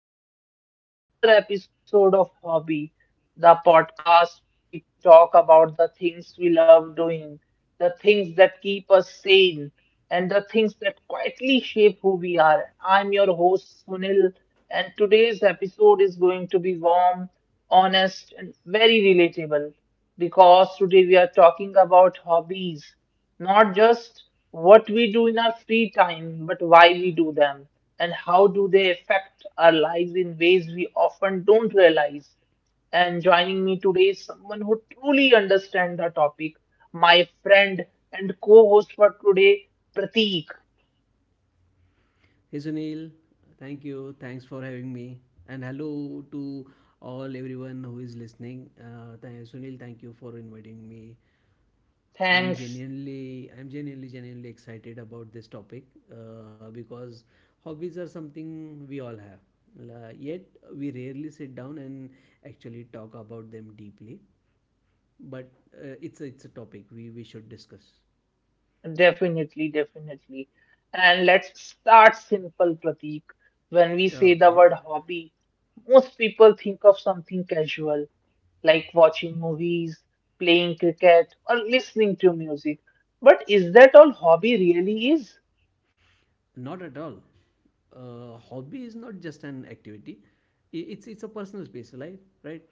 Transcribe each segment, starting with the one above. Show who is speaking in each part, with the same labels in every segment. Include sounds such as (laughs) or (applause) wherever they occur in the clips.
Speaker 1: and welcome to another episode of Hobby, the podcast where we talk about the things we love doing, the things that keep us sane, and the things that quietly shape who we are. I'm your host, Sunil, and today's episode is going to be warm, honest, and very relatable because today we are talking about hobbies not just what we do in our free time, but why we do them and how do they affect our lives in ways we often don't realize. And joining me today is someone who truly understands the topic, my friend and co-host for today, Prateek.
Speaker 2: Hey Sunil, thank you. Thanks for having me. And hello to all everyone who is listening. Sunil, thank you for inviting me. I'm
Speaker 1: Thanks,
Speaker 2: genuinely, I'm genuinely, genuinely excited about this topic because hobbies are something we all have. Yet we rarely sit down and actually talk about them deeply. But it's a topic we should discuss.
Speaker 1: definitely, definitely. And let's start simple, Prateek. When we say the
Speaker 2: Okay.
Speaker 1: word hobby, most people think of something casual like watching movies, playing cricket, or listening to music. But is that all hobby really is?
Speaker 2: Not at all. Hobby is not just an activity. It's a personal space, right? Right.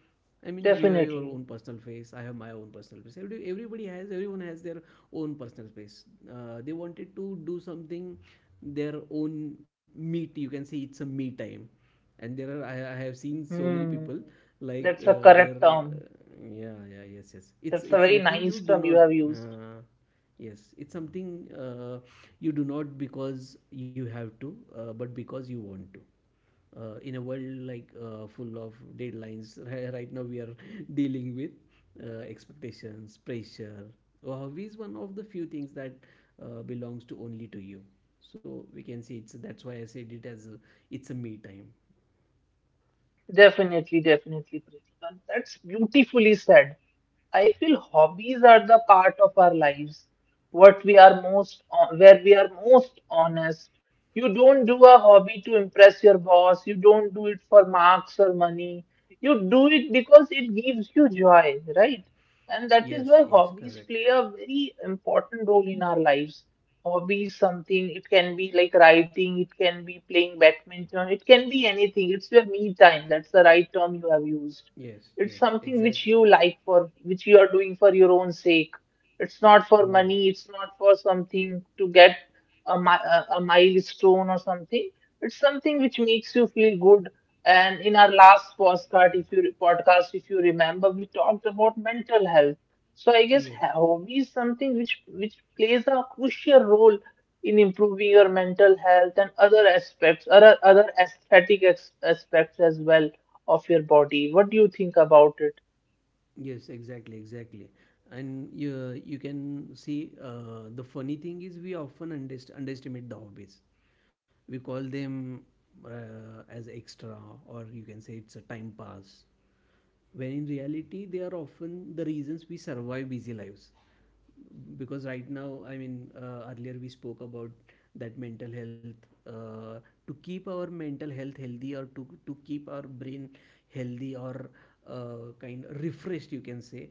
Speaker 2: I mean, you have your
Speaker 1: Definitely.
Speaker 2: own personal space. I have my own personal space. Everyone has their own personal space. They wanted to do something, their own meet. You can see it's a me time, and there are I have seen so many
Speaker 1: Hmm.
Speaker 2: people like
Speaker 1: That's a correct
Speaker 2: their
Speaker 1: term.
Speaker 2: yeah yeah yes yes.
Speaker 1: That's a
Speaker 2: It's
Speaker 1: very
Speaker 2: something
Speaker 1: nice
Speaker 2: you do
Speaker 1: term you
Speaker 2: not.
Speaker 1: have used.
Speaker 2: Uh, Yes, it's something you do not because you have to, but because you want to. In a world full of deadlines, (laughs) right now we are (laughs) dealing with expectations, pressure. Your hobby is one of the few things that belongs to only to you. So we can say it's that's why I said it as it's a me time.
Speaker 1: Definitely, definitely, Pritika. That's beautifully said. I feel hobbies are the part of our lives what we are most on, where we are most honest. You don't do a hobby to impress your boss. You don't do it for marks or money. You do it because it gives you joy, right? And that is why
Speaker 2: Yes, yes,
Speaker 1: hobbies play
Speaker 2: correct.
Speaker 1: a very important role in our lives. Hobbies, something, it can be like writing, it can be playing badminton, it can be anything. It's your me time. That's the right term you have used.
Speaker 2: Yes,
Speaker 1: It's
Speaker 2: yes,
Speaker 1: something which you
Speaker 2: exactly.
Speaker 1: like for, which you are doing for your own sake. It's not for money,
Speaker 2: Oh,
Speaker 1: it's not for something to get a, mi- a milestone or something. It's something which makes you feel good. And in our last podcast, if you remember, we talked about mental health. So I guess
Speaker 2: yes.
Speaker 1: hobby is something which plays a crucial role in improving your mental health and other aspects, other aspects as well of your body. What do you think about it?
Speaker 2: Yes, exactly, exactly. And you can see the funny thing is we often underestimate the hobbies. We call them as extra, or you can say it's a time pass. When in reality, they are often the reasons we survive busy lives, because right now, I mean, earlier we spoke about that mental health. uh, to keep our mental health healthy, or to keep our brain healthy, or kind of refreshed, you can say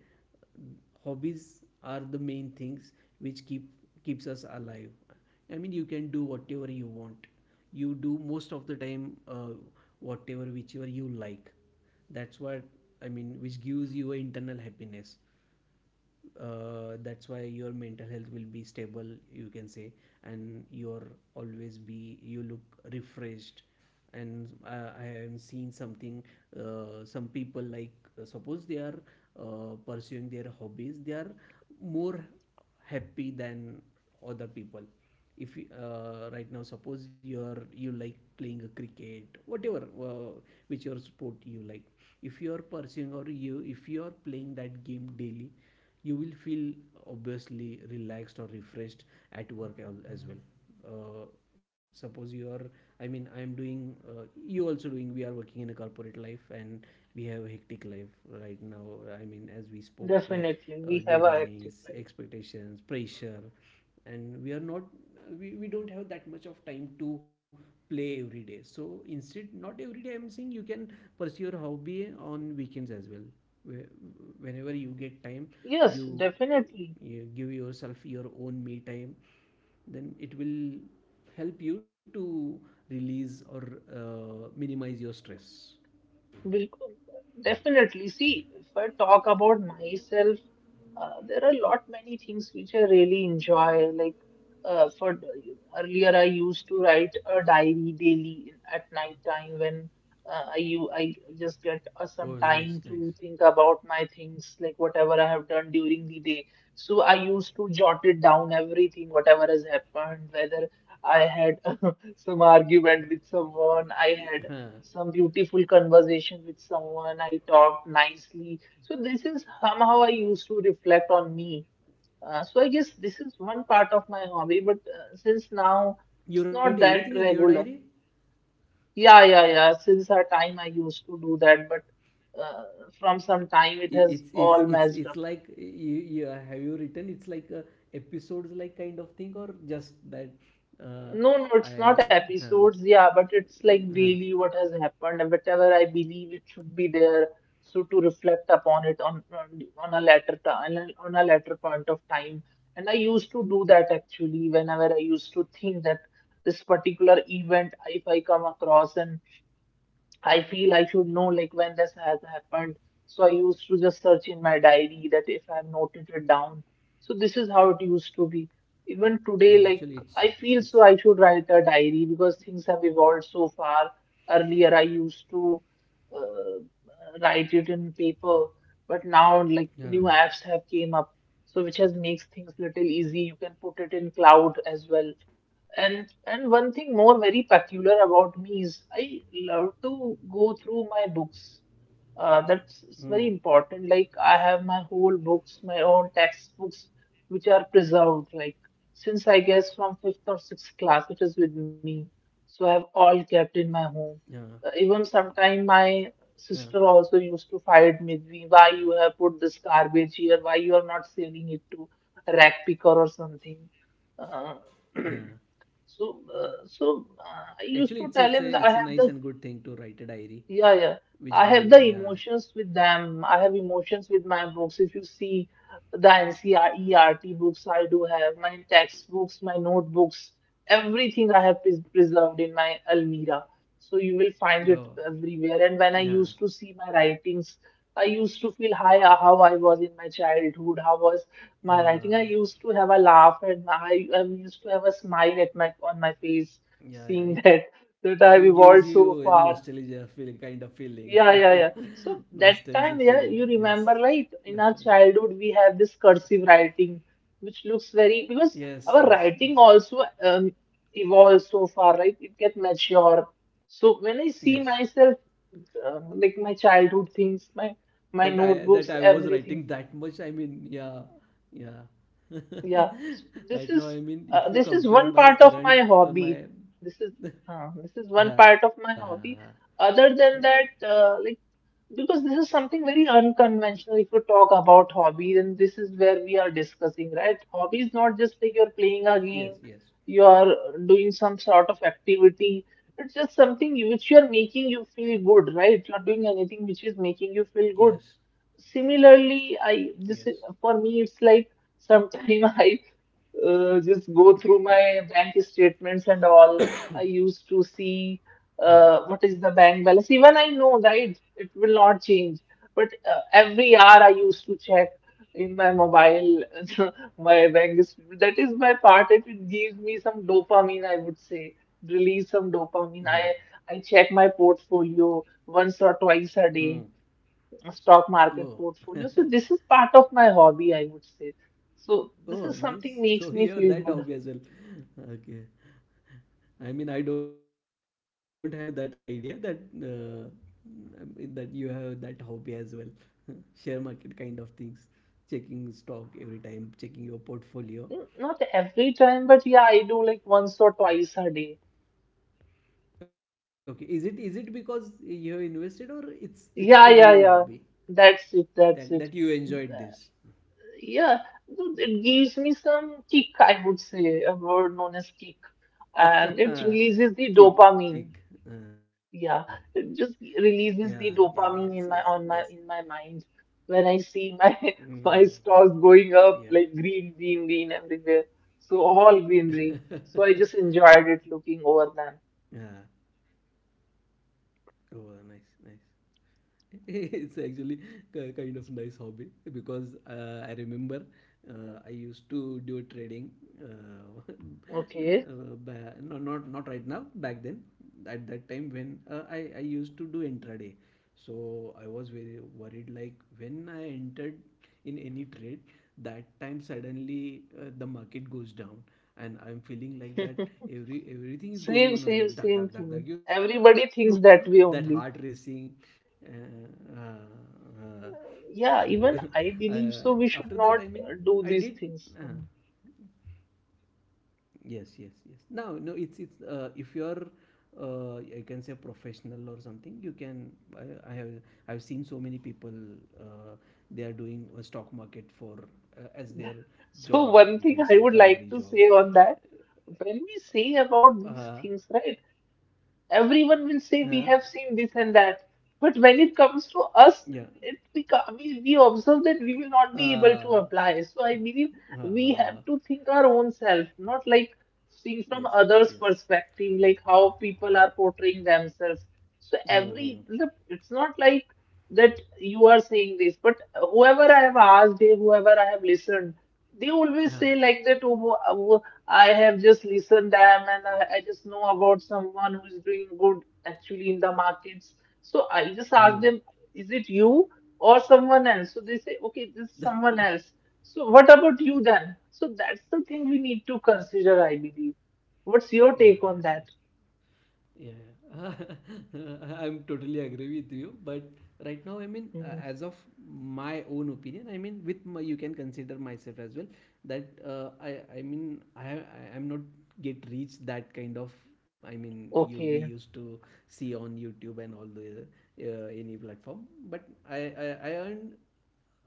Speaker 2: hobbies are the main things which keeps us alive. I mean, you can do whatever you want, you do most of the time uh, whatever whichever you like. That's what I mean, which gives you a internal happiness. That's why your mental health will be stable, you can say, and you're always be, you look refreshed. And I am seeing something, some people like, suppose they are pursuing their hobbies, they are more happy than other people. If right now suppose you are, you like playing a cricket, whatever uh, which your sport you like, if you are pursuing, or you if you are playing that game daily, you will feel obviously relaxed or refreshed at work as well. uh, Suppose you are, I mean, I am doing, you also doing, we are working in a corporate life, and we have a hectic life right now. I mean, as we spoke, like
Speaker 1: Definitely, we have a active
Speaker 2: deadlines,
Speaker 1: life.
Speaker 2: expectations, pressure. And we are not, we don't have that much of time to play every day. So instead, not every day I'm saying, you can pursue your hobby on weekends as well. Whe- Whenever you get time,
Speaker 1: Yes,
Speaker 2: you,
Speaker 1: definitely.
Speaker 2: you give yourself your own me time, then it will help you to release or minimize your stress.
Speaker 1: Bilkul. Definitely. See, if I talk about myself, there are a lot many things which I really enjoy. Like for earlier, I used to write a diary daily in, at night time when I just get some
Speaker 2: Oh, nice,
Speaker 1: time
Speaker 2: nice.
Speaker 1: to think about my things, like whatever I have done during the day. So I used to jot it down everything, whatever has happened, whether I had (laughs) some argument with someone, I
Speaker 2: (laughs)
Speaker 1: had
Speaker 2: Huh.
Speaker 1: some beautiful conversation with someone. I talked nicely. So this is somehow I used to reflect on me. So I guess this is one part of my hobby, but since now it's
Speaker 2: You write
Speaker 1: not that
Speaker 2: everything in your
Speaker 1: regular.
Speaker 2: diary?
Speaker 1: Yeah, yeah, yeah. Since our time I used to do that, but uh, from some time it
Speaker 2: i-
Speaker 1: has
Speaker 2: it's it's
Speaker 1: all
Speaker 2: it's
Speaker 1: messed
Speaker 2: it's
Speaker 1: up.
Speaker 2: like you have you written it's like a episodes like kind of thing, or just that. Uh,
Speaker 1: No, no, it's not
Speaker 2: I huh,
Speaker 1: episodes, yeah, but it's like
Speaker 2: mm, huh.
Speaker 1: daily what has happened and whatever I believe it should be there. So to reflect upon it on a later time, on a later point of time. And I used to do that actually whenever I used to think that this particular event, if I come across and I feel I should know like when this has happened. So I used to just search in my diary that if I've noted it down. So this is how it used to be. Even today, like
Speaker 2: yeah actually
Speaker 1: I feel so I
Speaker 2: it's
Speaker 1: should write a diary because things have evolved so far. Earlier, I used to uh, write it in paper, but now like new
Speaker 2: yeah
Speaker 1: apps have came up, so which has makes things little easy. You can put it in cloud as well. And one thing more very peculiar about me is I love to go through my books. That's It's
Speaker 2: mm,
Speaker 1: very important. Like I have my whole books, my own textbooks, which are preserved. Like since I guess from fifth or sixth class, it is with me. So I have all kept
Speaker 2: yeah
Speaker 1: in my home. Even sometime
Speaker 2: yeah
Speaker 1: my sister also used to fight with me. Why you have put this garbage here? Why you are not selling it to a rag picker or something? Uh, (clears throat)
Speaker 2: Yeah,
Speaker 1: so I used
Speaker 2: actually
Speaker 1: to
Speaker 2: it's
Speaker 1: tell
Speaker 2: it's
Speaker 1: him
Speaker 2: a,
Speaker 1: that I
Speaker 2: it's a
Speaker 1: have
Speaker 2: nice
Speaker 1: the
Speaker 2: and good thing to write a diary,
Speaker 1: yeah, yeah. I
Speaker 2: which
Speaker 1: have the
Speaker 2: gives, yeah.
Speaker 1: emotions with them. I have emotions with my books. If you see the NCRERT books I do have, my textbooks, my notebooks, everything I have preserved in my almirah. So you will find it
Speaker 2: Oh
Speaker 1: everywhere. And when I used to
Speaker 2: yeah,
Speaker 1: see my writings, I used to feel high how I was in my childhood, how was my writing. I
Speaker 2: yeah.
Speaker 1: used to have a laugh and I used to have a smile at my on my face, seeing (laughs)
Speaker 2: Yeah,
Speaker 1: that
Speaker 2: yeah, it will
Speaker 1: that
Speaker 2: gives
Speaker 1: I've
Speaker 2: you a
Speaker 1: evolved so
Speaker 2: nostalgia
Speaker 1: far
Speaker 2: feel, kind of feeling.
Speaker 1: yeah, yeah, yeah.
Speaker 2: (laughs)
Speaker 1: So
Speaker 2: nostalgic
Speaker 1: that time,
Speaker 2: feeling.
Speaker 1: yeah, you
Speaker 2: Yes,
Speaker 1: remember, right?
Speaker 2: definitely.
Speaker 1: In our childhood, we have this cursive writing, which looks very
Speaker 2: Yes,
Speaker 1: because
Speaker 2: yes,
Speaker 1: our
Speaker 2: yes,
Speaker 1: writing also evolves so far, right? It gets mature.
Speaker 2: yes.
Speaker 1: So when I see myself, like my childhood things,
Speaker 2: That I, that
Speaker 1: my
Speaker 2: I was
Speaker 1: notebooks,
Speaker 2: writing that
Speaker 1: everything,
Speaker 2: much. I mean, yeah, yeah. (laughs)
Speaker 1: yeah. So
Speaker 2: Right now, I
Speaker 1: this
Speaker 2: mean,
Speaker 1: is
Speaker 2: if you compare my
Speaker 1: one part
Speaker 2: current
Speaker 1: of my
Speaker 2: my,
Speaker 1: hobby.
Speaker 2: (laughs)
Speaker 1: This is this is one part
Speaker 2: ah,
Speaker 1: of my hobby. Other than that, because this is something very unconventional. If you talk about hobby, then this is where we are discussing, right? Hobby is not just like you're
Speaker 2: yes,
Speaker 1: playing a
Speaker 2: yes,
Speaker 1: game, you are doing some sort of activity. It's just something which you are making you feel good, right? You're doing anything which is making you feel
Speaker 2: yes,
Speaker 1: good. Similarly, I
Speaker 2: yes.
Speaker 1: just for me it's like sometime (laughs) I just go through my bank statements and all. I
Speaker 2: (coughs)
Speaker 1: used to see
Speaker 2: Huh.
Speaker 1: what is the bank balance. Even I know, right? It will not change. But every hour I used to check in my mobile (laughs) my bank statement. That is my part. It gives me some dopamine, I would say. Release some dopamine. I
Speaker 2: Huh.
Speaker 1: I check my portfolio once or twice a day
Speaker 2: Hmm.
Speaker 1: stock market
Speaker 2: Oh.
Speaker 1: portfolio. So this is
Speaker 2: (laughs)
Speaker 1: part of my hobby, I would say. So this is something
Speaker 2: Oh,
Speaker 1: makes
Speaker 2: nice.
Speaker 1: me
Speaker 2: (laughs)
Speaker 1: feel
Speaker 2: So
Speaker 1: good.
Speaker 2: you have that hobby as well. (laughs) Okay. I mean, I don't have that idea that I mean, that you have that hobby as well. (laughs) Share market kind of things, checking stock every time, checking your portfolio.
Speaker 1: Not every time, but yeah, I do like once or twice a day.
Speaker 2: Okay. Is it because you have invested, or it's a
Speaker 1: Yeah,
Speaker 2: real
Speaker 1: yeah,
Speaker 2: hobby
Speaker 1: yeah. That's it.
Speaker 2: that that
Speaker 1: That's
Speaker 2: you
Speaker 1: it.
Speaker 2: enjoyed this?
Speaker 1: Yeah, so it gives me some kick, I would say, a word known as kick, and it
Speaker 2: (laughs)
Speaker 1: releases
Speaker 2: Kick,
Speaker 1: the
Speaker 2: kick.
Speaker 1: dopamine.
Speaker 2: Uh,
Speaker 1: Yeah, it
Speaker 2: yeah,
Speaker 1: just
Speaker 2: yeah, yes,
Speaker 1: releases
Speaker 2: yes,
Speaker 1: the
Speaker 2: yes.
Speaker 1: dopamine in my mind when I see
Speaker 2: Mm,
Speaker 1: my (laughs) my
Speaker 2: yeah.
Speaker 1: stocks going up like green, green, green everywhere. So all greenery.
Speaker 2: (laughs)
Speaker 1: So I just enjoyed it looking over
Speaker 2: Yeah.
Speaker 1: them.
Speaker 2: Oh, nice, nice. (laughs) It's actually kind of nice hobby, because I remember I used to do trading, uh, (laughs) and,
Speaker 1: Okay.
Speaker 2: no, not not right now. Back then, at that time when I used to do intraday, so I was very worried. Like when I entered in any trade, that time suddenly the market goes down. And I'm feeling like that
Speaker 1: (laughs)
Speaker 2: everything is going
Speaker 1: Same,
Speaker 2: on a
Speaker 1: same,
Speaker 2: red, duck
Speaker 1: same
Speaker 2: duck duck duck,
Speaker 1: thing.
Speaker 2: you know, (laughs)
Speaker 1: Everybody
Speaker 2: that
Speaker 1: thinks
Speaker 2: heart
Speaker 1: that way
Speaker 2: racing.
Speaker 1: only.
Speaker 2: uh, uh, uh, so
Speaker 1: Yeah,
Speaker 2: (laughs)
Speaker 1: even I believe
Speaker 2: after
Speaker 1: so.
Speaker 2: that,
Speaker 1: We
Speaker 2: I
Speaker 1: should
Speaker 2: mean,
Speaker 1: not
Speaker 2: I did,
Speaker 1: do these
Speaker 2: uh,
Speaker 1: things.
Speaker 2: yes yes yes. Now no, it's it's if you're I can say professional or something, you can, I have, I've seen so many people uh, they are doing a stock market for as their
Speaker 1: So one
Speaker 2: job,
Speaker 1: thing
Speaker 2: you
Speaker 1: I
Speaker 2: can
Speaker 1: would
Speaker 2: say,
Speaker 1: like to
Speaker 2: primary
Speaker 1: say
Speaker 2: job.
Speaker 1: on that, when we say about these
Speaker 2: Uh,
Speaker 1: things, right, everyone will say we have seen this
Speaker 2: huh?
Speaker 1: and that. But when it comes to us,
Speaker 2: Yeah.
Speaker 1: we observe that we will not be able to
Speaker 2: uh,
Speaker 1: apply. So I believe
Speaker 2: uh,
Speaker 1: we have to
Speaker 2: uh, uh,
Speaker 1: think our own self, not like seeing from others'
Speaker 2: yes yes
Speaker 1: perspective, like how people are portraying themselves. So every, look,
Speaker 2: mm-hmm.
Speaker 1: it's not like that you are saying this, but whoever I have asked, whoever I have listened, they always say like
Speaker 2: Yeah.
Speaker 1: that, oh, oh, I have just listened them and I just know about someone who is doing good actually in the markets. So I just ask
Speaker 2: Mm.
Speaker 1: them, is it you or someone else? So they say, okay, this is
Speaker 2: (laughs) Yeah
Speaker 1: someone else. So what about you then? So that's the thing we need to consider, I believe. What's your
Speaker 2: yeah. Yeah.
Speaker 1: take on that?
Speaker 2: Yeah, yeah. (laughs) I'm totally agree with you. But right now, I mean,
Speaker 1: Mhm.
Speaker 2: as of my own opinion, I mean, with my, you can consider myself as well, that I mean, I am not get reach that kind of. I mean, you we
Speaker 1: Okay,
Speaker 2: used to see on YouTube and all the any platform, but I earned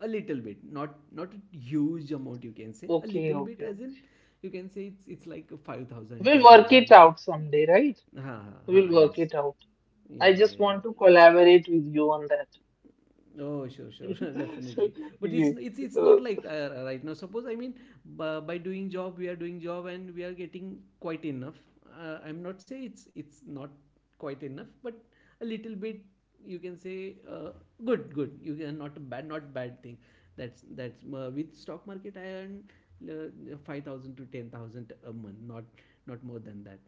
Speaker 2: a little bit, not not a huge amount. You can say a little bit, as in
Speaker 1: okay.
Speaker 2: you can say it's like 5,000,
Speaker 1: We'll
Speaker 2: ten
Speaker 1: work it
Speaker 2: thousand.
Speaker 1: out someday, right?
Speaker 2: Ha ha
Speaker 1: We'll
Speaker 2: ha,
Speaker 1: work
Speaker 2: yes.
Speaker 1: it out. I
Speaker 2: Yeah,
Speaker 1: just
Speaker 2: yeah,
Speaker 1: want
Speaker 2: yeah.
Speaker 1: to collaborate with you on that.
Speaker 2: Oh, sure, sure, (laughs)
Speaker 1: (laughs) So,
Speaker 2: definitely. But it's
Speaker 1: yeah.
Speaker 2: it's it's
Speaker 1: Uh,
Speaker 2: not like, right now. Suppose, I mean, by doing job, we are doing job and we are getting quite enough. I'm not say it's not quite enough, but a little bit, you can say good. You can not a bad, not bad thing. That's With stock market I earn 5,000 to 10,000 a month, not not more than that,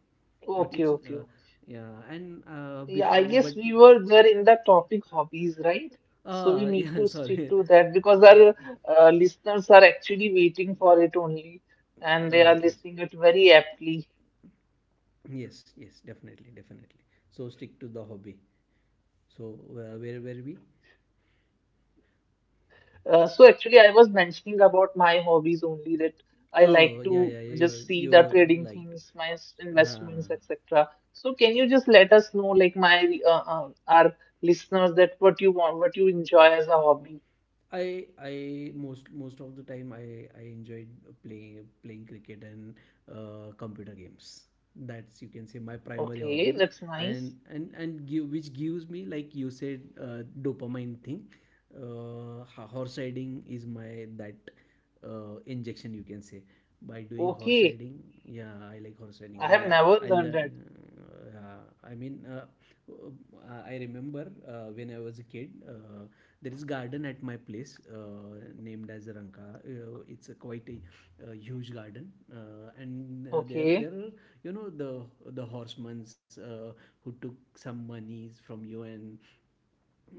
Speaker 2: but
Speaker 1: okay,
Speaker 2: it's
Speaker 1: okay.
Speaker 2: yeah. And
Speaker 1: Yeah, I guess
Speaker 2: but
Speaker 1: we were there in the topic hobbies, right? So we
Speaker 2: ah, (laughs)
Speaker 1: need
Speaker 2: yeah,
Speaker 1: to stick
Speaker 2: sorry.
Speaker 1: to that because our listeners are actually waiting for it only, and they
Speaker 2: Ah,
Speaker 1: are
Speaker 2: okay.
Speaker 1: listening it very aptly.
Speaker 2: Yes, yes, definitely, definitely. So stick to the hobby. So where were we?
Speaker 1: So actually, I was mentioning about my hobbies only that I like to
Speaker 2: Oh, yeah,
Speaker 1: just
Speaker 2: yeah, yeah.
Speaker 1: see the
Speaker 2: You're
Speaker 1: trading
Speaker 2: you're
Speaker 1: things,
Speaker 2: like,
Speaker 1: investments,
Speaker 2: ah,
Speaker 1: etc. So can you just let us know, like my our listeners, that what you want, what you enjoy as a hobby?
Speaker 2: I most most of the time I enjoyed playing cricket and computer games. That's, you can say, my primary
Speaker 1: Okay,
Speaker 2: hobby,
Speaker 1: that's
Speaker 2: and
Speaker 1: nice.
Speaker 2: give, which gives me, like you said, dopamine thing. Horse riding is my that injection, you can say. By doing horse
Speaker 1: Okay,
Speaker 2: riding, yeah I like horse riding.
Speaker 1: I have never
Speaker 2: I'll uh,
Speaker 1: done that.
Speaker 2: uh, i mean uh, I remember when I was a kid, there is garden at my place named as Ranka. It's a quite a, huge garden. And there There
Speaker 1: Okay,
Speaker 2: are, you know, the horsemans who took some monies from you and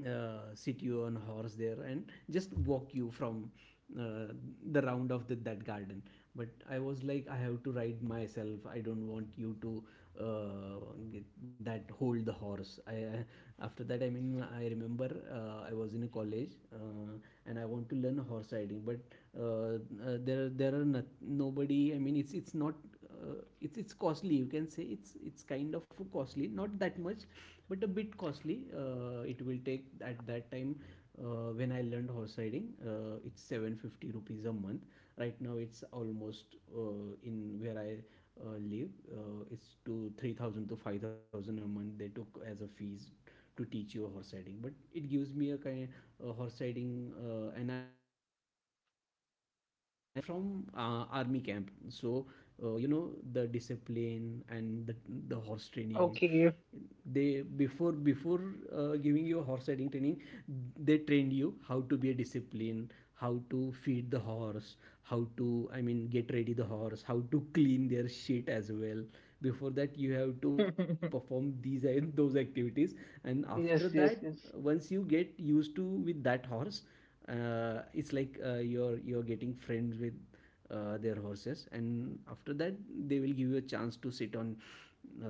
Speaker 2: sit you on horse there and just walk you from uh, the round of the, that garden. But I was like, I have to ride myself, I don't want you to uh, get that hold the horse. After that, I mean, I remember I was in a college, and I want to learn horse riding, but there are not, nobody, I mean it's not it's it's costly, you can say, it's kind of costly, not that much, but a bit costly. It will take at that time, when I learned horse riding, it's 750 rupees a month. Right now it's almost, in where I live, it's to 3,000 to 5,000 a month they took as a fees to teach you a horse riding. But it gives me a kind of a horse riding. And I learned it from army camp. So you know the discipline and the horse training.
Speaker 1: okay.
Speaker 2: They before before giving you a horse riding training, they trained you how to be a discipline, how to feed the horse, how to, I mean, get ready the horse, how to clean their shit as well. Before that you have to perform
Speaker 1: (laughs)
Speaker 2: these (laughs) and those activities, and after
Speaker 1: Yes,
Speaker 2: that,
Speaker 1: yes, yes.
Speaker 2: once you get used to with that horse, it's like you're getting friends with their horses. And after that they will give you a chance to sit on uh,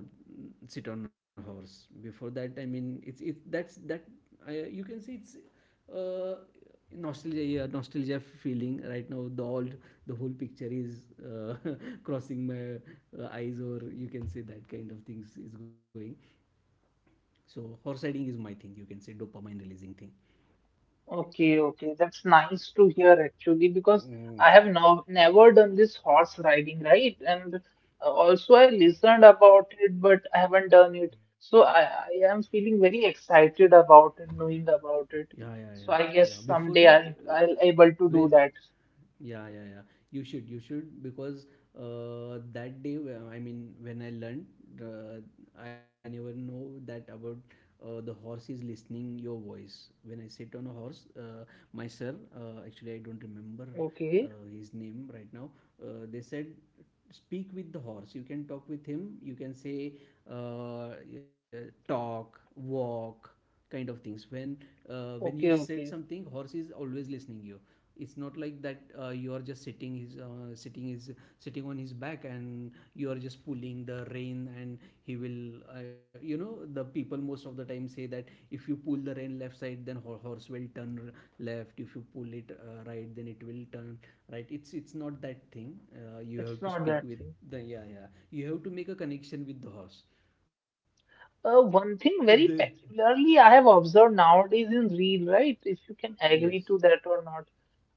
Speaker 2: sit on a horse. Before that, I mean, it's it that's that you can say it's uh, nostalgia, yeah, nostalgia feeling. Right now the old, the whole picture is (laughs) crossing my eyes, or you can say that kind of things is going. So horse riding is my thing, you can say dopamine releasing thing.
Speaker 1: Okay, okay, that's nice to hear actually because
Speaker 2: Mm.
Speaker 1: I have no, never done this horse riding, right? And also I listened about it, but I haven't done it. So I am feeling very excited about it, knowing about it.
Speaker 2: Yeah, yeah, yeah,
Speaker 1: So I
Speaker 2: yeah.
Speaker 1: guess
Speaker 2: Before that,
Speaker 1: someday I'll I'll able to do
Speaker 2: when
Speaker 1: that.
Speaker 2: yeah, yeah, yeah. You should, because that day, I mean, when I learned, uh, I never know that about the horse is listening your voice. When I sit on a horse, my sir, actually, I don't remember
Speaker 1: Okay,
Speaker 2: his name right now. They said, speak with the horse. You can talk with him. You can say, yeah, talk, walk kind of things when you
Speaker 1: okay,
Speaker 2: said
Speaker 1: okay.
Speaker 2: something, horse is always listening you. It's not like that, you are just sitting his sitting on his back and you are just pulling the rein, and he will you know, the people most of the time say that if you pull the rein left side then horse will turn left, if you pull it right then it will turn right. It's not that thing, you have
Speaker 1: It's
Speaker 2: to
Speaker 1: not
Speaker 2: speak
Speaker 1: that
Speaker 2: with
Speaker 1: thing.
Speaker 2: the, yeah, yeah, you have to make a connection with the horse.
Speaker 1: One thing
Speaker 2: The
Speaker 1: very peculiarly I have observed nowadays in real, right? If you can
Speaker 2: yes
Speaker 1: agree to that or not.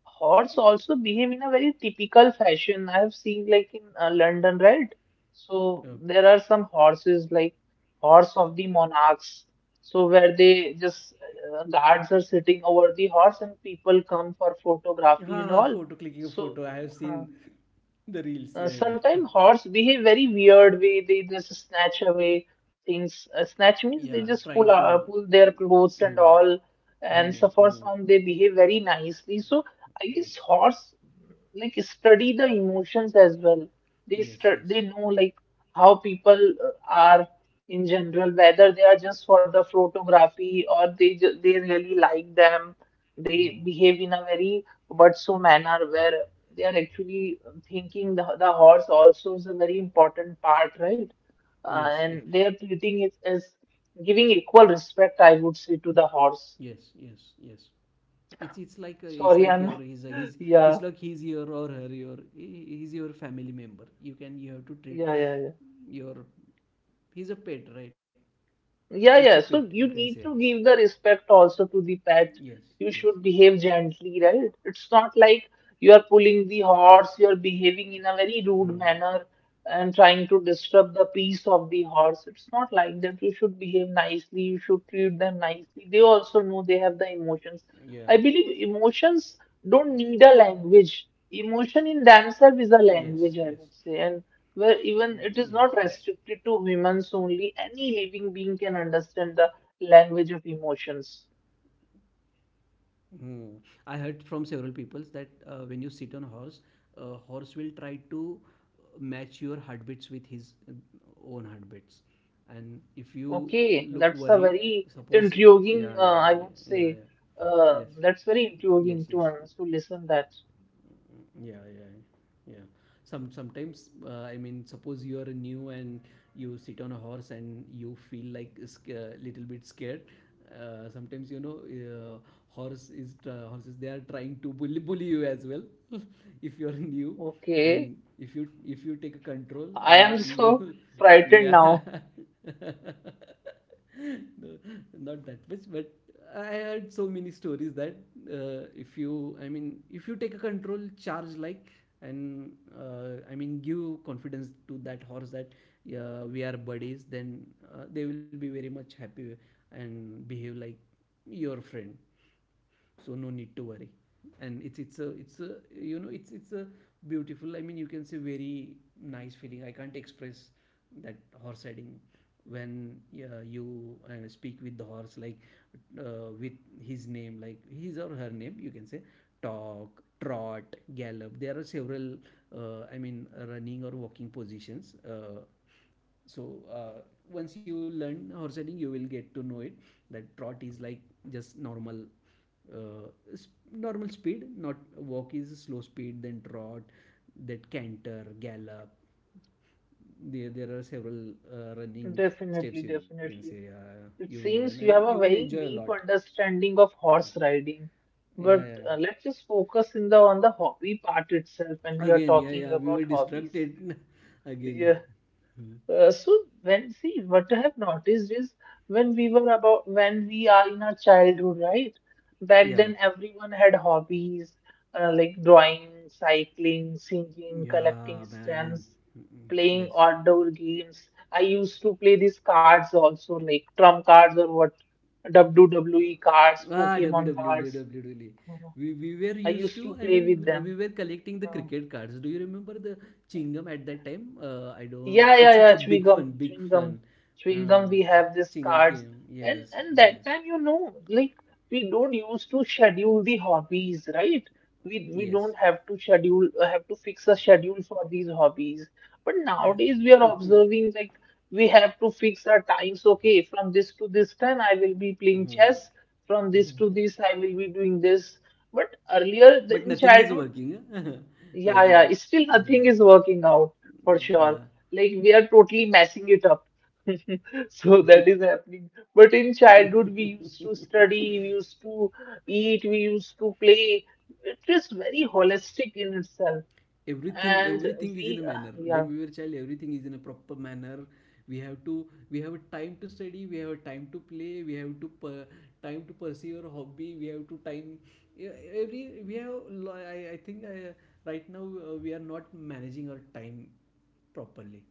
Speaker 1: Horse also behave in a very typical fashion. I have seen like in London, right? So
Speaker 2: uh,
Speaker 1: there are some horses like horse of the monarchs. So where they just guards are sitting over the horse and people come for
Speaker 2: ha ha,
Speaker 1: photography and
Speaker 2: photo,
Speaker 1: all.
Speaker 2: clicking a
Speaker 1: So
Speaker 2: photo. I have
Speaker 1: uh,
Speaker 2: seen the reels. Yeah, yeah.
Speaker 1: sometimes horse behave very weird way. They just snatch away things.
Speaker 2: Yeah,
Speaker 1: Snatch means they
Speaker 2: trying
Speaker 1: just
Speaker 2: to.
Speaker 1: pull pull their
Speaker 2: Hmm,
Speaker 1: clothes and all.
Speaker 2: hmm,
Speaker 1: And so
Speaker 2: hmm.
Speaker 1: for some, they behave very nicely. So I
Speaker 2: Hmm.
Speaker 1: guess horse like study the emotions as well.
Speaker 2: Yes,
Speaker 1: They
Speaker 2: yes.
Speaker 1: know like how people are in general, whether they are just for the photography or they really like them.
Speaker 2: Hmm.
Speaker 1: They behave in a very but so manner where they are actually thinking the horse also is a very important part, right?
Speaker 2: Yes, yes,
Speaker 1: And they are treating it as giving equal respect, I would say, to the
Speaker 2: yes,
Speaker 1: horse.
Speaker 2: yes, yes. It's like it's like
Speaker 1: Sorry,
Speaker 2: your
Speaker 1: I'm not.
Speaker 2: his,
Speaker 1: (laughs)
Speaker 2: it's
Speaker 1: Yeah,
Speaker 2: like he's your, or her, your, he's your family member. You can, you have to treat
Speaker 1: yeah, yeah,
Speaker 2: your, he's a pet, right? It's
Speaker 1: Yeah,
Speaker 2: a
Speaker 1: yeah.
Speaker 2: pet.
Speaker 1: So
Speaker 2: You
Speaker 1: you
Speaker 2: can say
Speaker 1: need to give the respect also to the pet.
Speaker 2: yes,
Speaker 1: You
Speaker 2: yes,
Speaker 1: should
Speaker 2: yes.
Speaker 1: behave gently, right? It's not like you are pulling the horse, you are behaving in a very rude
Speaker 2: Hmm.
Speaker 1: manner and trying to disturb the peace of the horse. It's not like that. You should behave nicely, you should treat them nicely. They also know they have
Speaker 2: Yeah.
Speaker 1: the emotions. I believe emotions don't need a language. Emotion in
Speaker 2: Yes.
Speaker 1: themselves is a
Speaker 2: Yes.
Speaker 1: language, I would say. And
Speaker 2: Mm,
Speaker 1: where
Speaker 2: yes,
Speaker 1: even it
Speaker 2: yes.
Speaker 1: is not restricted to humans only, any living being can understand the language of emotions.
Speaker 2: Mm. I heard from several people that when you sit on a horse will try to match your heartbeats with his own heartbeats. And if you look
Speaker 1: Okay, that's
Speaker 2: worried,
Speaker 1: a very
Speaker 2: suppose, yeah,
Speaker 1: intriguing,
Speaker 2: yeah,
Speaker 1: I
Speaker 2: yeah,
Speaker 1: would
Speaker 2: yeah,
Speaker 1: say,
Speaker 2: yeah. Yes,
Speaker 1: that's very
Speaker 2: yes,
Speaker 1: intriguing
Speaker 2: yes.
Speaker 1: to us to listen that.
Speaker 2: Yeah, yeah, yeah, sometimes I mean suppose you are new and you sit on a horse and you feel like little bit scared. Sometimes you know horse is horses, they are trying to bully, bully you as well. (laughs) If you are new,
Speaker 1: Okay,
Speaker 2: and if you take a control
Speaker 1: I am (laughs)
Speaker 2: and
Speaker 1: so
Speaker 2: you (laughs)
Speaker 1: frightened
Speaker 2: yeah
Speaker 1: now.
Speaker 2: (laughs) no, not that much, but I heard so many stories that if you, I mean, if you take a control charge like, and I mean, give confidence to that horse that we are buddies, then they will be very much happy and behave like your friend. So no need to worry. And it's a you know, it's a beautiful, I mean you can say very nice feeling. I can't express that horse riding, when you speak with the horse like with his name, like his or her name, you can say talk, trot, gallop. There are several I mean running or walking positions. So once you learn horse riding, you will get to know it. That trot is like just normal, speed, not, walk is a slow speed, then trot, then canter, gallop. There are several running
Speaker 1: Definitely,
Speaker 2: steps, you can say.
Speaker 1: definitely.
Speaker 2: You will
Speaker 1: It
Speaker 2: learn and
Speaker 1: seems
Speaker 2: you
Speaker 1: you have
Speaker 2: will
Speaker 1: a
Speaker 2: enjoy a
Speaker 1: very
Speaker 2: lot.
Speaker 1: deep understanding of horse riding,
Speaker 2: Yeah, yeah,
Speaker 1: but
Speaker 2: yeah.
Speaker 1: let's just focus in the on the hobby part itself when we are
Speaker 2: Again, yeah,
Speaker 1: talking
Speaker 2: yeah, we were
Speaker 1: about hobbies.
Speaker 2: distracted (laughs) again. Hmm.
Speaker 1: Uh, so when see what I have noticed is when we are in our childhood, right?
Speaker 2: Yeah.
Speaker 1: Back then everyone had hobbies like drawing, cycling, singing,
Speaker 2: Yeah,
Speaker 1: collecting
Speaker 2: man.
Speaker 1: stamps,
Speaker 2: Mm, mm. Yes.
Speaker 1: playing outdoor games. I used to play these cards also, like trump cards or what WWE cards,
Speaker 2: Ah,
Speaker 1: Pokemon cards,
Speaker 2: WWE.
Speaker 1: you know.
Speaker 2: We were
Speaker 1: I
Speaker 2: used
Speaker 1: used to
Speaker 2: to, I
Speaker 1: play with
Speaker 2: mean,
Speaker 1: them.
Speaker 2: we were collecting the
Speaker 1: Uh,
Speaker 2: cricket cards. Do you remember the Chingam at that time? I don't, it's
Speaker 1: Yeah,
Speaker 2: a
Speaker 1: chewing
Speaker 2: big fun,
Speaker 1: gum,
Speaker 2: big
Speaker 1: chewing gum,
Speaker 2: fun.
Speaker 1: chewing gum.
Speaker 2: Uh,
Speaker 1: We have these
Speaker 2: Chingam
Speaker 1: cards,
Speaker 2: came, yes,
Speaker 1: and
Speaker 2: yes,
Speaker 1: that time, you know, like we don't used to schedule the hobbies, right? We
Speaker 2: yes,
Speaker 1: don't have to schedule, have to fix a schedule for these hobbies. But
Speaker 2: yes.
Speaker 1: nowadays, we are
Speaker 2: (laughs)
Speaker 1: observing like we have to fix our times. Okay, from this to this time, I will be playing
Speaker 2: Mhm.
Speaker 1: chess. From this to this, I will be doing this. But earlier the-
Speaker 2: But
Speaker 1: in
Speaker 2: nothing is
Speaker 1: childhood,
Speaker 2: working, huh? (laughs)
Speaker 1: yeah,
Speaker 2: Right
Speaker 1: yeah.
Speaker 2: now.
Speaker 1: it's Still nothing
Speaker 2: Yeah,
Speaker 1: is working out for sure.
Speaker 2: yeah,
Speaker 1: Like we are totally messing it up. (laughs) So that is happening. But in
Speaker 2: yeah. (laughs)
Speaker 1: childhood, we used to study, we used to eat, we used to play. It is very holistic in itself.
Speaker 2: Everything, everything
Speaker 1: And
Speaker 2: is in a manner.
Speaker 1: we,
Speaker 2: When we were
Speaker 1: yeah.
Speaker 2: child, everything is in a proper manner. We have to, we have a time to study, we have a time to play, we have to per-, time to pursue our hobby, we have to time, yeah, every we have I think I, right now, we are not managing our time properly.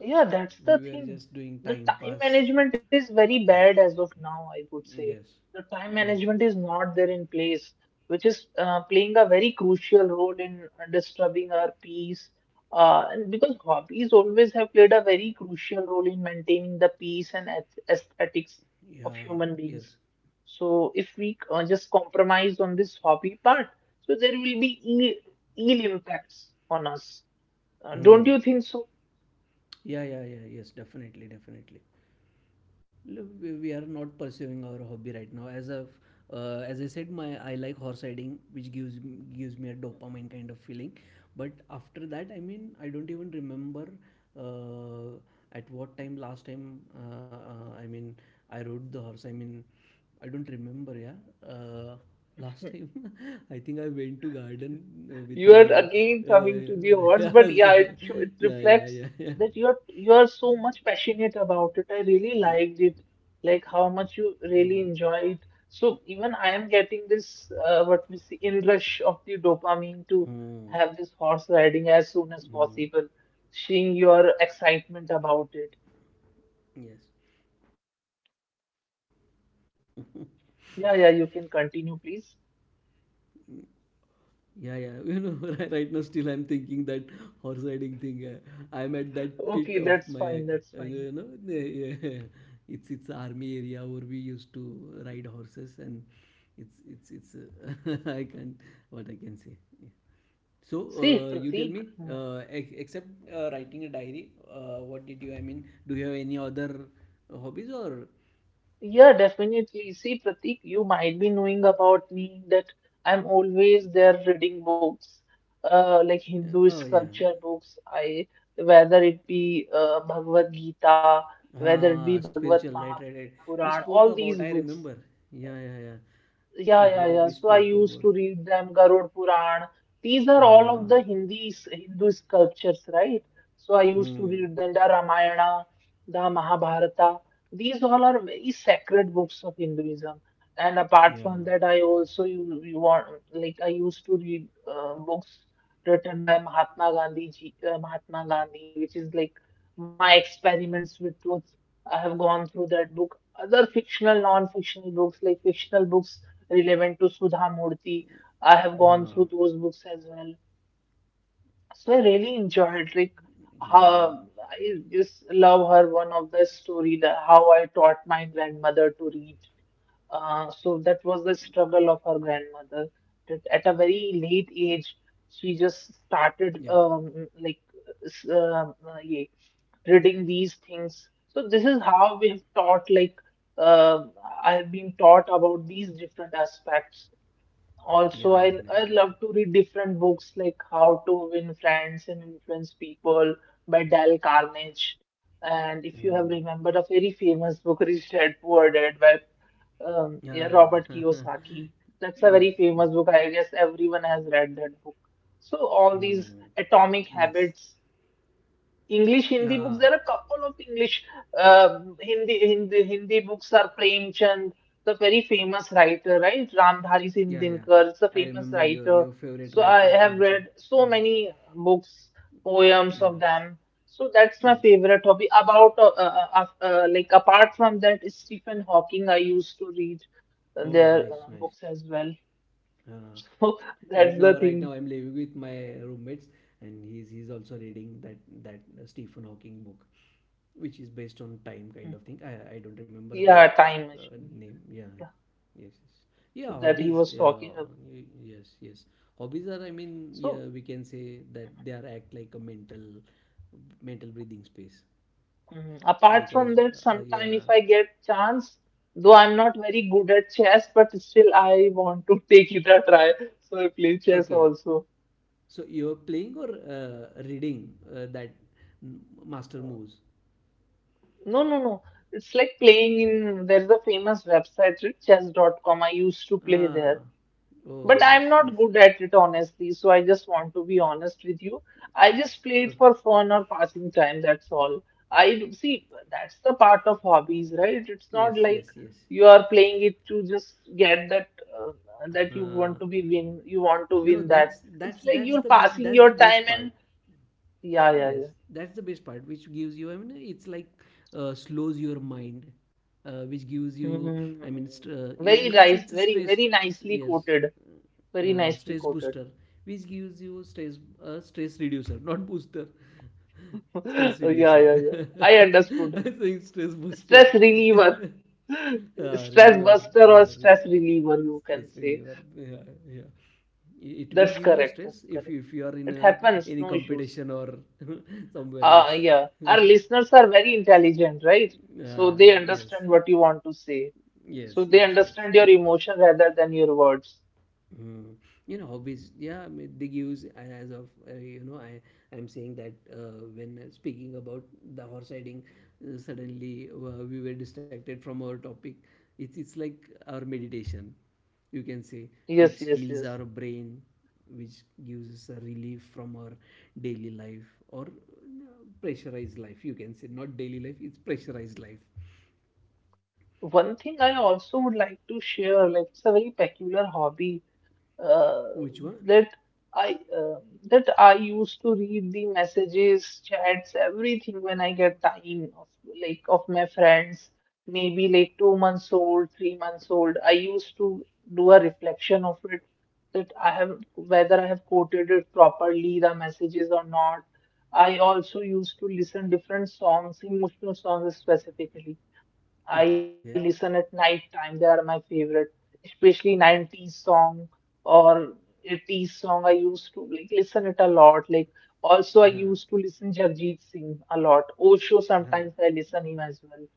Speaker 1: Yeah, that's
Speaker 2: We
Speaker 1: the
Speaker 2: were
Speaker 1: thing.
Speaker 2: just doing
Speaker 1: The
Speaker 2: time
Speaker 1: time
Speaker 2: pass.
Speaker 1: management is very
Speaker 2: Mm,
Speaker 1: bad as of now, I would say.
Speaker 2: yes,
Speaker 1: The time
Speaker 2: yes,
Speaker 1: management is not there in place, which is playing a very crucial role in disturbing our peace. And because hobbies always have played a very crucial role in maintaining the peace and aesthetics
Speaker 2: yeah,
Speaker 1: of human
Speaker 2: yes.
Speaker 1: beings. So if we just compromise on this hobby part, so there will be ill impacts on us. Don't you
Speaker 2: Hmm.
Speaker 1: think so?
Speaker 2: Yeah, yeah, yeah, yes, definitely, definitely. We are not pursuing our hobby right now, as of as I said, my, I like horse riding, which gives me a dopamine kind of feeling. But after that, I mean, I don't even remember uh, at what time, last time I mean I rode the horse, I mean, I don't remember, yeah, uh, last time. (laughs) I think I went to garden with
Speaker 1: You
Speaker 2: my,
Speaker 1: are again coming to the horse,
Speaker 2: uh,
Speaker 1: but yeah,
Speaker 2: (laughs)
Speaker 1: it
Speaker 2: yeah, yeah,
Speaker 1: reflects
Speaker 2: yeah, yeah.
Speaker 1: that you are so much passionate about it. I really
Speaker 2: Mm,
Speaker 1: liked it, like how much you really
Speaker 2: you-
Speaker 1: enjoy it. So even I am getting this what we see in rush of the dopamine to have this
Speaker 2: mm,
Speaker 1: horse riding as soon as possible,
Speaker 2: mm.
Speaker 1: seeing your excitement about it.
Speaker 2: Yes.
Speaker 1: Yeah, yeah, you can continue, please. (laughs)
Speaker 2: Yeah, yeah. (laughs) You know, right, right now still I'm thinking that horse riding thing. I'm at that
Speaker 1: Okay,
Speaker 2: pit of
Speaker 1: that's
Speaker 2: my,
Speaker 1: fine, that's
Speaker 2: you
Speaker 1: fine.
Speaker 2: know, yeah. (laughs) It's army area where we used to ride horses, and it's. (laughs) I can't. What I can say. Yeah. So
Speaker 1: See,
Speaker 2: you tell me,
Speaker 1: Pratik. Hmm.
Speaker 2: except writing a diary, what did you? I mean, do you have any other hobbies or?
Speaker 1: Yeah, definitely. See, Pratik, you might be knowing about me that I'm always there reading books, like Hindu
Speaker 2: Oh yeah.
Speaker 1: sculpture books. I Whether it be Bhagavad Gita, whether it be
Speaker 2: Ah,
Speaker 1: Bhagavad
Speaker 2: spiritual, right, right, right.
Speaker 1: Mahapuran,
Speaker 2: We
Speaker 1: all these
Speaker 2: spoke
Speaker 1: books.
Speaker 2: about, I remember. Yeah, yeah, yeah.
Speaker 1: Yeah, yeah,
Speaker 2: Before
Speaker 1: yeah.
Speaker 2: that,
Speaker 1: So
Speaker 2: we
Speaker 1: I
Speaker 2: spoke
Speaker 1: used to
Speaker 2: about.
Speaker 1: read them, Garud Puran. These are all of the
Speaker 2: Ah,
Speaker 1: Hindi Hindu sculptures, right? So I used to read
Speaker 2: mm,
Speaker 1: them, the Ramayana, the Mahabharata. These all are very sacred books of Hinduism. And apart
Speaker 2: yeah,
Speaker 1: from that, I also you want like I used to read books written by Mahatma Gandhi, Mahatma Gandhi, which is like my experiments with truth. I have gone through that book. Other fictional, non-fictional books, like fictional books relevant to Sudha Murthy. I have gone through
Speaker 2: ah,
Speaker 1: those books as well. So I really enjoyed like how
Speaker 2: mm,
Speaker 1: I just love her one of the story that how I taught my grandmother to read. So that was the struggle of her grandmother. That at a very late age, she just
Speaker 2: yeah,
Speaker 1: started like s- uh, uh, yeah, reading these things. So this is how we have taught like uh, I have been taught about these different aspects. Also,
Speaker 2: yeah,
Speaker 1: I
Speaker 2: definitely,
Speaker 1: love to
Speaker 2: definitely.
Speaker 1: read different books like How to Win Friends and Influence People by Dale Carnage. And if you have
Speaker 2: Mm,
Speaker 1: remembered a very famous book, Rich Dad Poor Dad by yeah,
Speaker 2: yeah,
Speaker 1: Robert
Speaker 2: (laughs)
Speaker 1: Kiyosaki. That's a very
Speaker 2: yes,
Speaker 1: famous
Speaker 2: yes,
Speaker 1: book. I guess everyone has read that book. So all these
Speaker 2: mm,
Speaker 1: Atomic
Speaker 2: yes.
Speaker 1: Habits English Hindi books. There are
Speaker 2: Ah,
Speaker 1: a couple of English Hindi Hindi books are Premchand, the very famous writer, right? Ramdhari Singh
Speaker 2: yeah, yeah.
Speaker 1: Dinkar is a
Speaker 2: I
Speaker 1: famous
Speaker 2: remember
Speaker 1: writer.
Speaker 2: your
Speaker 1: So
Speaker 2: favorite
Speaker 1: I
Speaker 2: writer,
Speaker 1: have read
Speaker 2: Premchand.
Speaker 1: so
Speaker 2: Yeah,
Speaker 1: many books, poems of them.
Speaker 2: yes,
Speaker 1: So that's my
Speaker 2: yes.
Speaker 1: favorite hobby. About like apart from that, Stephen Hawking. I used to read
Speaker 2: Oh,
Speaker 1: their
Speaker 2: nice, nice.
Speaker 1: books as well.
Speaker 2: Uh,
Speaker 1: (laughs) So
Speaker 2: right
Speaker 1: that's
Speaker 2: now,
Speaker 1: the
Speaker 2: right
Speaker 1: thing.
Speaker 2: now, I'm living with my roommates, and he's also reading that, that Stephen Hawking book, which is based on time
Speaker 1: Hmm.
Speaker 2: kind of thing. I don't remember the
Speaker 1: Yeah, time machine
Speaker 2: name. Yeah, yes, yes. Yeah.
Speaker 1: that he
Speaker 2: Hobbies.
Speaker 1: was
Speaker 2: Yeah,
Speaker 1: talking about.
Speaker 2: yes, yes. Hobbies are, I mean,
Speaker 1: So.
Speaker 2: yeah, we can say that they are act like a mental, mental breathing space
Speaker 1: Mm, apart from
Speaker 2: because
Speaker 1: that, sometime
Speaker 2: yeah.
Speaker 1: if I get chance, though I'm not very good at chess, but still I want to (laughs) take it a try. So I play chess
Speaker 2: Okay,
Speaker 1: also.
Speaker 2: so you're playing, or reading that master moves.
Speaker 1: No, no, no. It's like playing in, there's a famous website, chess.com. I used to play
Speaker 2: Ah,
Speaker 1: there.
Speaker 2: oh,
Speaker 1: But I'm
Speaker 2: nice,
Speaker 1: not
Speaker 2: nice.
Speaker 1: good at it, honestly. So I just want to be honest with you. I just play it
Speaker 2: Okay.
Speaker 1: for fun or passing time. That's all. I see that's the part of hobbies, right? It's not
Speaker 2: Yes,
Speaker 1: like
Speaker 2: yes, yes.
Speaker 1: you are playing it to just get that uh, that you want
Speaker 2: Uh,
Speaker 1: to be win. You want to
Speaker 2: you know,
Speaker 1: win that. It's like you're passing
Speaker 2: that's
Speaker 1: your
Speaker 2: the
Speaker 1: time
Speaker 2: best
Speaker 1: and
Speaker 2: part.
Speaker 1: yeah, yeah,
Speaker 2: Yes,
Speaker 1: yeah.
Speaker 2: that's the best part, which gives you, I mean, it's like slows your mind, which gives you,
Speaker 1: Hmm.
Speaker 2: I mean, you,
Speaker 1: Very
Speaker 2: you can say
Speaker 1: nice,
Speaker 2: it's a
Speaker 1: very
Speaker 2: stress,
Speaker 1: very nicely
Speaker 2: yes,
Speaker 1: quoted. Very nicely
Speaker 2: stress
Speaker 1: quoted.
Speaker 2: booster, which gives you stress, stress reducer, not booster, (laughs) stress
Speaker 1: (laughs) Yeah,
Speaker 2: reducer.
Speaker 1: yeah, yeah. I
Speaker 2: (laughs)
Speaker 1: understood.
Speaker 2: I think stress booster,
Speaker 1: Stress reliever,
Speaker 2: (laughs)
Speaker 1: (laughs)
Speaker 2: ah,
Speaker 1: stress
Speaker 2: reliever,
Speaker 1: buster
Speaker 2: yeah,
Speaker 1: or
Speaker 2: re-,
Speaker 1: stress reliever, you can
Speaker 2: stress
Speaker 1: say.
Speaker 2: reliever, yeah, yeah. It will
Speaker 1: That's
Speaker 2: give you
Speaker 1: correct.
Speaker 2: stress
Speaker 1: That's correct.
Speaker 2: if you are in
Speaker 1: It happens,
Speaker 2: any
Speaker 1: no issues.
Speaker 2: competition or (laughs) somewhere else.
Speaker 1: Yeah, our
Speaker 2: (laughs)
Speaker 1: listeners are very intelligent, right? So they
Speaker 2: Ah, yes,
Speaker 1: understand what you want to say.
Speaker 2: yes,
Speaker 1: So they
Speaker 2: yes, yes.
Speaker 1: understand
Speaker 2: (laughs)
Speaker 1: your emotion rather than your words.
Speaker 2: Mm, you know, hobbies, yeah, I mean, they gives as of you know, I'm saying that when speaking about the horse riding, suddenly we were distracted from our topic. It's like our meditation, you can say, which
Speaker 1: Yes, yes,
Speaker 2: heals
Speaker 1: yes.
Speaker 2: our brain, which gives us a relief from our daily life, or pressurized life, you can say. Not daily life, it's pressurized life.
Speaker 1: One thing I also would like to share, like it's a very peculiar hobby uh,
Speaker 2: Which one?
Speaker 1: that that I used to read the messages, chats, everything when I get time of like of my friends, maybe like 2 months old, 3 months old. I used to do a reflection of it that I have whether I have quoted it properly, the messages or not. I also used to listen different songs, emotional songs specifically. I
Speaker 2: Okay.
Speaker 1: listen at night time. They are my favorite, especially 90s song or 80s song. I used to like listen it a lot. Like also I
Speaker 2: Huh,
Speaker 1: used to listen Jarijit Singh a lot. Osho
Speaker 2: huh.
Speaker 1: sometimes I listen him as well.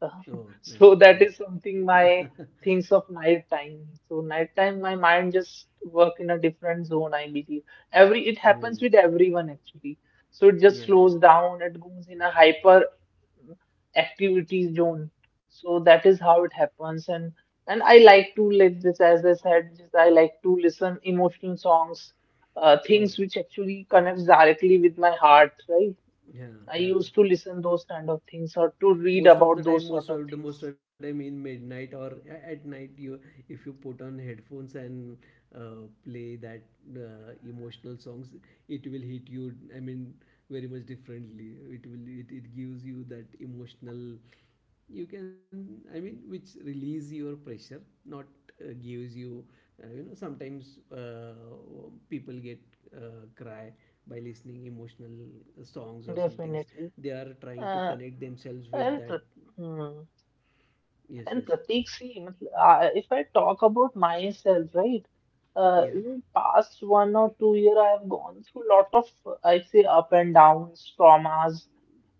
Speaker 1: (laughs)
Speaker 2: Oh, nice,
Speaker 1: So that
Speaker 2: nice.
Speaker 1: is something my
Speaker 2: (laughs)
Speaker 1: thinks of night time. So night time, my mind just work in a different zone, I believe. Every it
Speaker 2: Hmm.
Speaker 1: happens with everyone actually. So it just
Speaker 2: Yeah, yeah.
Speaker 1: slows down, it goes in a hyper activity zone. So that is how it happens. And I like to like this, as I said, just I like to listen emotional songs,
Speaker 2: Oh,
Speaker 1: things which actually connects directly with my heart, right?
Speaker 2: yeah,
Speaker 1: I
Speaker 2: yeah.
Speaker 1: used to listen those kind of things or to read
Speaker 2: Most of
Speaker 1: about
Speaker 2: the
Speaker 1: those
Speaker 2: time,
Speaker 1: sort of things.
Speaker 2: most of the time in midnight or at night, you, if you put on headphones and play that emotional songs, it will hit you. I mean, very much differently. It will, it gives you that emotional, you can, I mean, which release your pressure, not gives you you know, sometimes people get cry by listening emotional songs or some things,
Speaker 1: Definitely.
Speaker 2: they are trying
Speaker 1: Uh,
Speaker 2: to connect themselves
Speaker 1: and
Speaker 2: with that.
Speaker 1: hmm,
Speaker 2: Yes,
Speaker 1: And
Speaker 2: yes.
Speaker 1: Prateek, see, if I talk about myself, right?
Speaker 2: Yeah.
Speaker 1: In past 1 or 2 year, I have gone through lot of, I say, up and downs, traumas,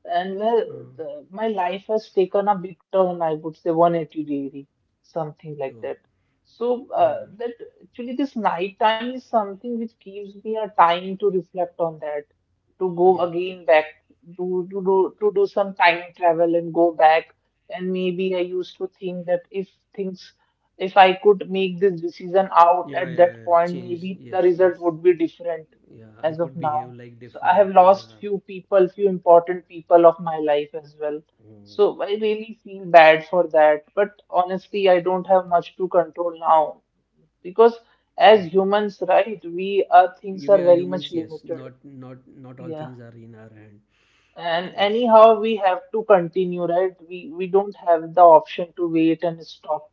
Speaker 1: and where
Speaker 2: Uh,
Speaker 1: my life has taken a big turn, I would say 180-degree, something like
Speaker 2: oh,
Speaker 1: that. So
Speaker 2: yeah,
Speaker 1: that actually this night time is something which gives me a time to reflect on that, to go
Speaker 2: yeah,
Speaker 1: again back, to do some time travel and go back and maybe I used to think that things, if I could make this decision out
Speaker 2: yeah,
Speaker 1: at
Speaker 2: yeah,
Speaker 1: that
Speaker 2: yeah,
Speaker 1: point,
Speaker 2: change,
Speaker 1: maybe the
Speaker 2: yes, yes.
Speaker 1: result would be different
Speaker 2: Yeah,
Speaker 1: as
Speaker 2: I
Speaker 1: of
Speaker 2: could
Speaker 1: now.
Speaker 2: behave
Speaker 1: So
Speaker 2: like
Speaker 1: I have
Speaker 2: different,
Speaker 1: lost
Speaker 2: yeah.
Speaker 1: few people, few important people of my life as well.
Speaker 2: Mm,
Speaker 1: So I really feel bad for that. But honestly, I don't have much to control now because as
Speaker 2: yeah.
Speaker 1: humans, right, we our things are
Speaker 2: You-, we
Speaker 1: very
Speaker 2: are
Speaker 1: much
Speaker 2: humans, yes,
Speaker 1: limited.
Speaker 2: not, not, not
Speaker 1: Yeah.
Speaker 2: all things are in our hand.
Speaker 1: And
Speaker 2: Yes,
Speaker 1: anyhow, we have to continue, right? We don't have the option to wait and stop.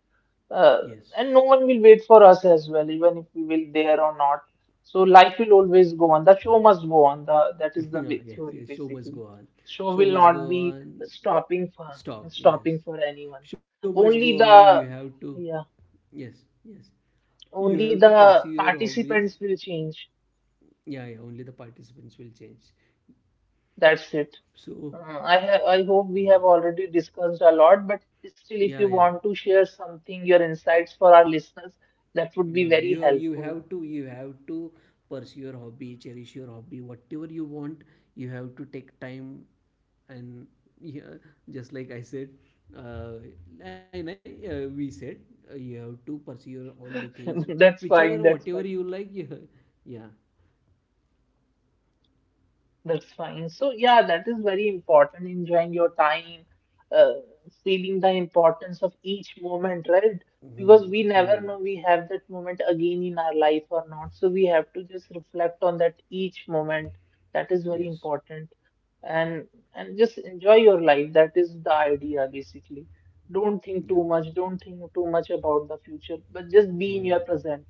Speaker 1: Uh,
Speaker 2: yes,
Speaker 1: and no one will wait for us as well, even if we will there or not. So life will always go on. The show must go on. The That is
Speaker 2: (laughs)
Speaker 1: the
Speaker 2: yeah, yes,
Speaker 1: theory
Speaker 2: yes. Show
Speaker 1: basically.
Speaker 2: must go on.
Speaker 1: Show will
Speaker 2: Show must
Speaker 1: not
Speaker 2: go
Speaker 1: be
Speaker 2: on.
Speaker 1: stopping for
Speaker 2: Stop.
Speaker 1: stopping
Speaker 2: Yes,
Speaker 1: for anyone.
Speaker 2: show must go
Speaker 1: Only
Speaker 2: on.
Speaker 1: the
Speaker 2: You have to.
Speaker 1: yeah,
Speaker 2: Yes, yes. You
Speaker 1: only
Speaker 2: have to pursue
Speaker 1: the
Speaker 2: your hobbies.
Speaker 1: participants will change.
Speaker 2: Yeah, yeah. Only the participants will change.
Speaker 1: That's it.
Speaker 2: So,
Speaker 1: I hope we have already discussed a lot, but still, if you
Speaker 2: yeah, yeah.
Speaker 1: want to share something, your insights for our listeners, that would
Speaker 2: No,
Speaker 1: be
Speaker 2: no,
Speaker 1: very
Speaker 2: you, you
Speaker 1: helpful.
Speaker 2: have to, you have to pursue your hobby, cherish your hobby, whatever you want. You have to take time, and yeah, just like I said, uh, and I, we said, you have to pursue your, all the things,
Speaker 1: (laughs) That's fine.
Speaker 2: whichever,
Speaker 1: That's
Speaker 2: whatever
Speaker 1: fine.
Speaker 2: you like. Yeah, yeah.
Speaker 1: That's fine. So, yeah, that is very important. Enjoying your time, uh, feeling the importance of each moment, right? Because
Speaker 2: Hmm.
Speaker 1: we never
Speaker 2: Hmm.
Speaker 1: know we have that moment again in our life or not. So, we have to just reflect on that each moment. That is very
Speaker 2: Yes.
Speaker 1: important. And and just enjoy your life. That is the idea, basically. Don't think too
Speaker 2: Yeah.
Speaker 1: much. Don't think too much about the future, but just be in your
Speaker 2: Hmm.
Speaker 1: present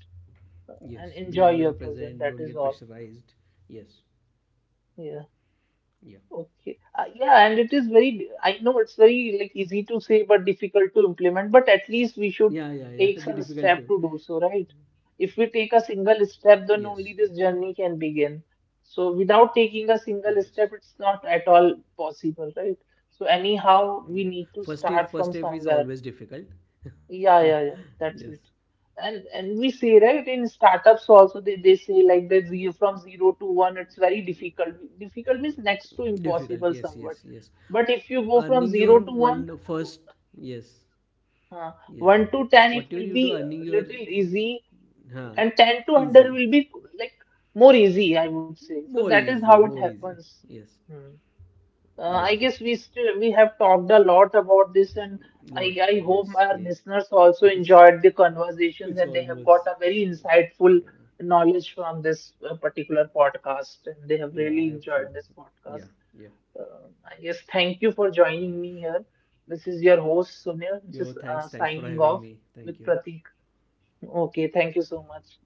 Speaker 1: and
Speaker 2: Yes,
Speaker 1: enjoy
Speaker 2: be
Speaker 1: your
Speaker 2: in your
Speaker 1: present. That
Speaker 2: present,
Speaker 1: is
Speaker 2: don't
Speaker 1: all.
Speaker 2: get pressurized. Yes.
Speaker 1: Yeah.
Speaker 2: Yeah,
Speaker 1: Okay. Yeah, and it is very, I know it's very like easy to say but difficult to
Speaker 2: yeah,
Speaker 1: implement, but
Speaker 2: yeah,
Speaker 1: at
Speaker 2: yeah. (laughs) Be
Speaker 1: least we
Speaker 2: difficult
Speaker 1: should
Speaker 2: to,
Speaker 1: take some step to do so, right? If we take a
Speaker 2: yes,
Speaker 1: single
Speaker 2: yes,
Speaker 1: step, then only this journey can begin. So without
Speaker 2: yes.
Speaker 1: taking a single step, it's not at all possible, right? So
Speaker 2: Yeah.
Speaker 1: anyhow,
Speaker 2: First
Speaker 1: we
Speaker 2: step,
Speaker 1: need to
Speaker 2: first step is
Speaker 1: start from
Speaker 2: always
Speaker 1: somewhere.
Speaker 2: difficult. (laughs)
Speaker 1: Yeah,
Speaker 2: Yes.
Speaker 1: yeah, yeah. That's it. And we see right in startups also they say like that zero from zero to one it's very difficult. Difficult means
Speaker 2: Difficult.
Speaker 1: next to
Speaker 2: Yes, yes,
Speaker 1: impossible
Speaker 2: yes.
Speaker 1: somewhat. But
Speaker 2: Earning
Speaker 1: if you
Speaker 2: your
Speaker 1: go from
Speaker 2: one
Speaker 1: zero to
Speaker 2: first.
Speaker 1: one,
Speaker 2: Yes. Yes.
Speaker 1: uh,
Speaker 2: Whatever
Speaker 1: one
Speaker 2: you
Speaker 1: to
Speaker 2: do,
Speaker 1: ten
Speaker 2: earning
Speaker 1: it
Speaker 2: your,
Speaker 1: will be little easy,
Speaker 2: huh,
Speaker 1: and
Speaker 2: easy.
Speaker 1: 10 to 100 will be like more easy, I
Speaker 2: More
Speaker 1: would say.
Speaker 2: easy,
Speaker 1: So that
Speaker 2: more
Speaker 1: is how
Speaker 2: easy.
Speaker 1: it
Speaker 2: Yes.
Speaker 1: happens. Hmm.
Speaker 2: Yes.
Speaker 1: I guess we have talked a lot about this, and
Speaker 2: Lot.
Speaker 1: I
Speaker 2: Yes. (laughs)
Speaker 1: hope our
Speaker 2: Yes.
Speaker 1: listeners also
Speaker 2: It's
Speaker 1: enjoyed the
Speaker 2: almost,
Speaker 1: conversations and they have got a very insightful knowledge from this particular
Speaker 2: yeah, I
Speaker 1: podcast,
Speaker 2: hope
Speaker 1: and
Speaker 2: so.
Speaker 1: they have really
Speaker 2: Yeah.
Speaker 1: enjoyed this
Speaker 2: Yeah.
Speaker 1: podcast. Um, I guess thank you for joining me here. This is your
Speaker 2: Yo,
Speaker 1: host
Speaker 2: thanks.
Speaker 1: Sunil,
Speaker 2: Thanks for
Speaker 1: just
Speaker 2: having me. Thank
Speaker 1: signing
Speaker 2: you.
Speaker 1: off with Pratik. Okay, thank you so
Speaker 2: Bye-bye.
Speaker 1: much.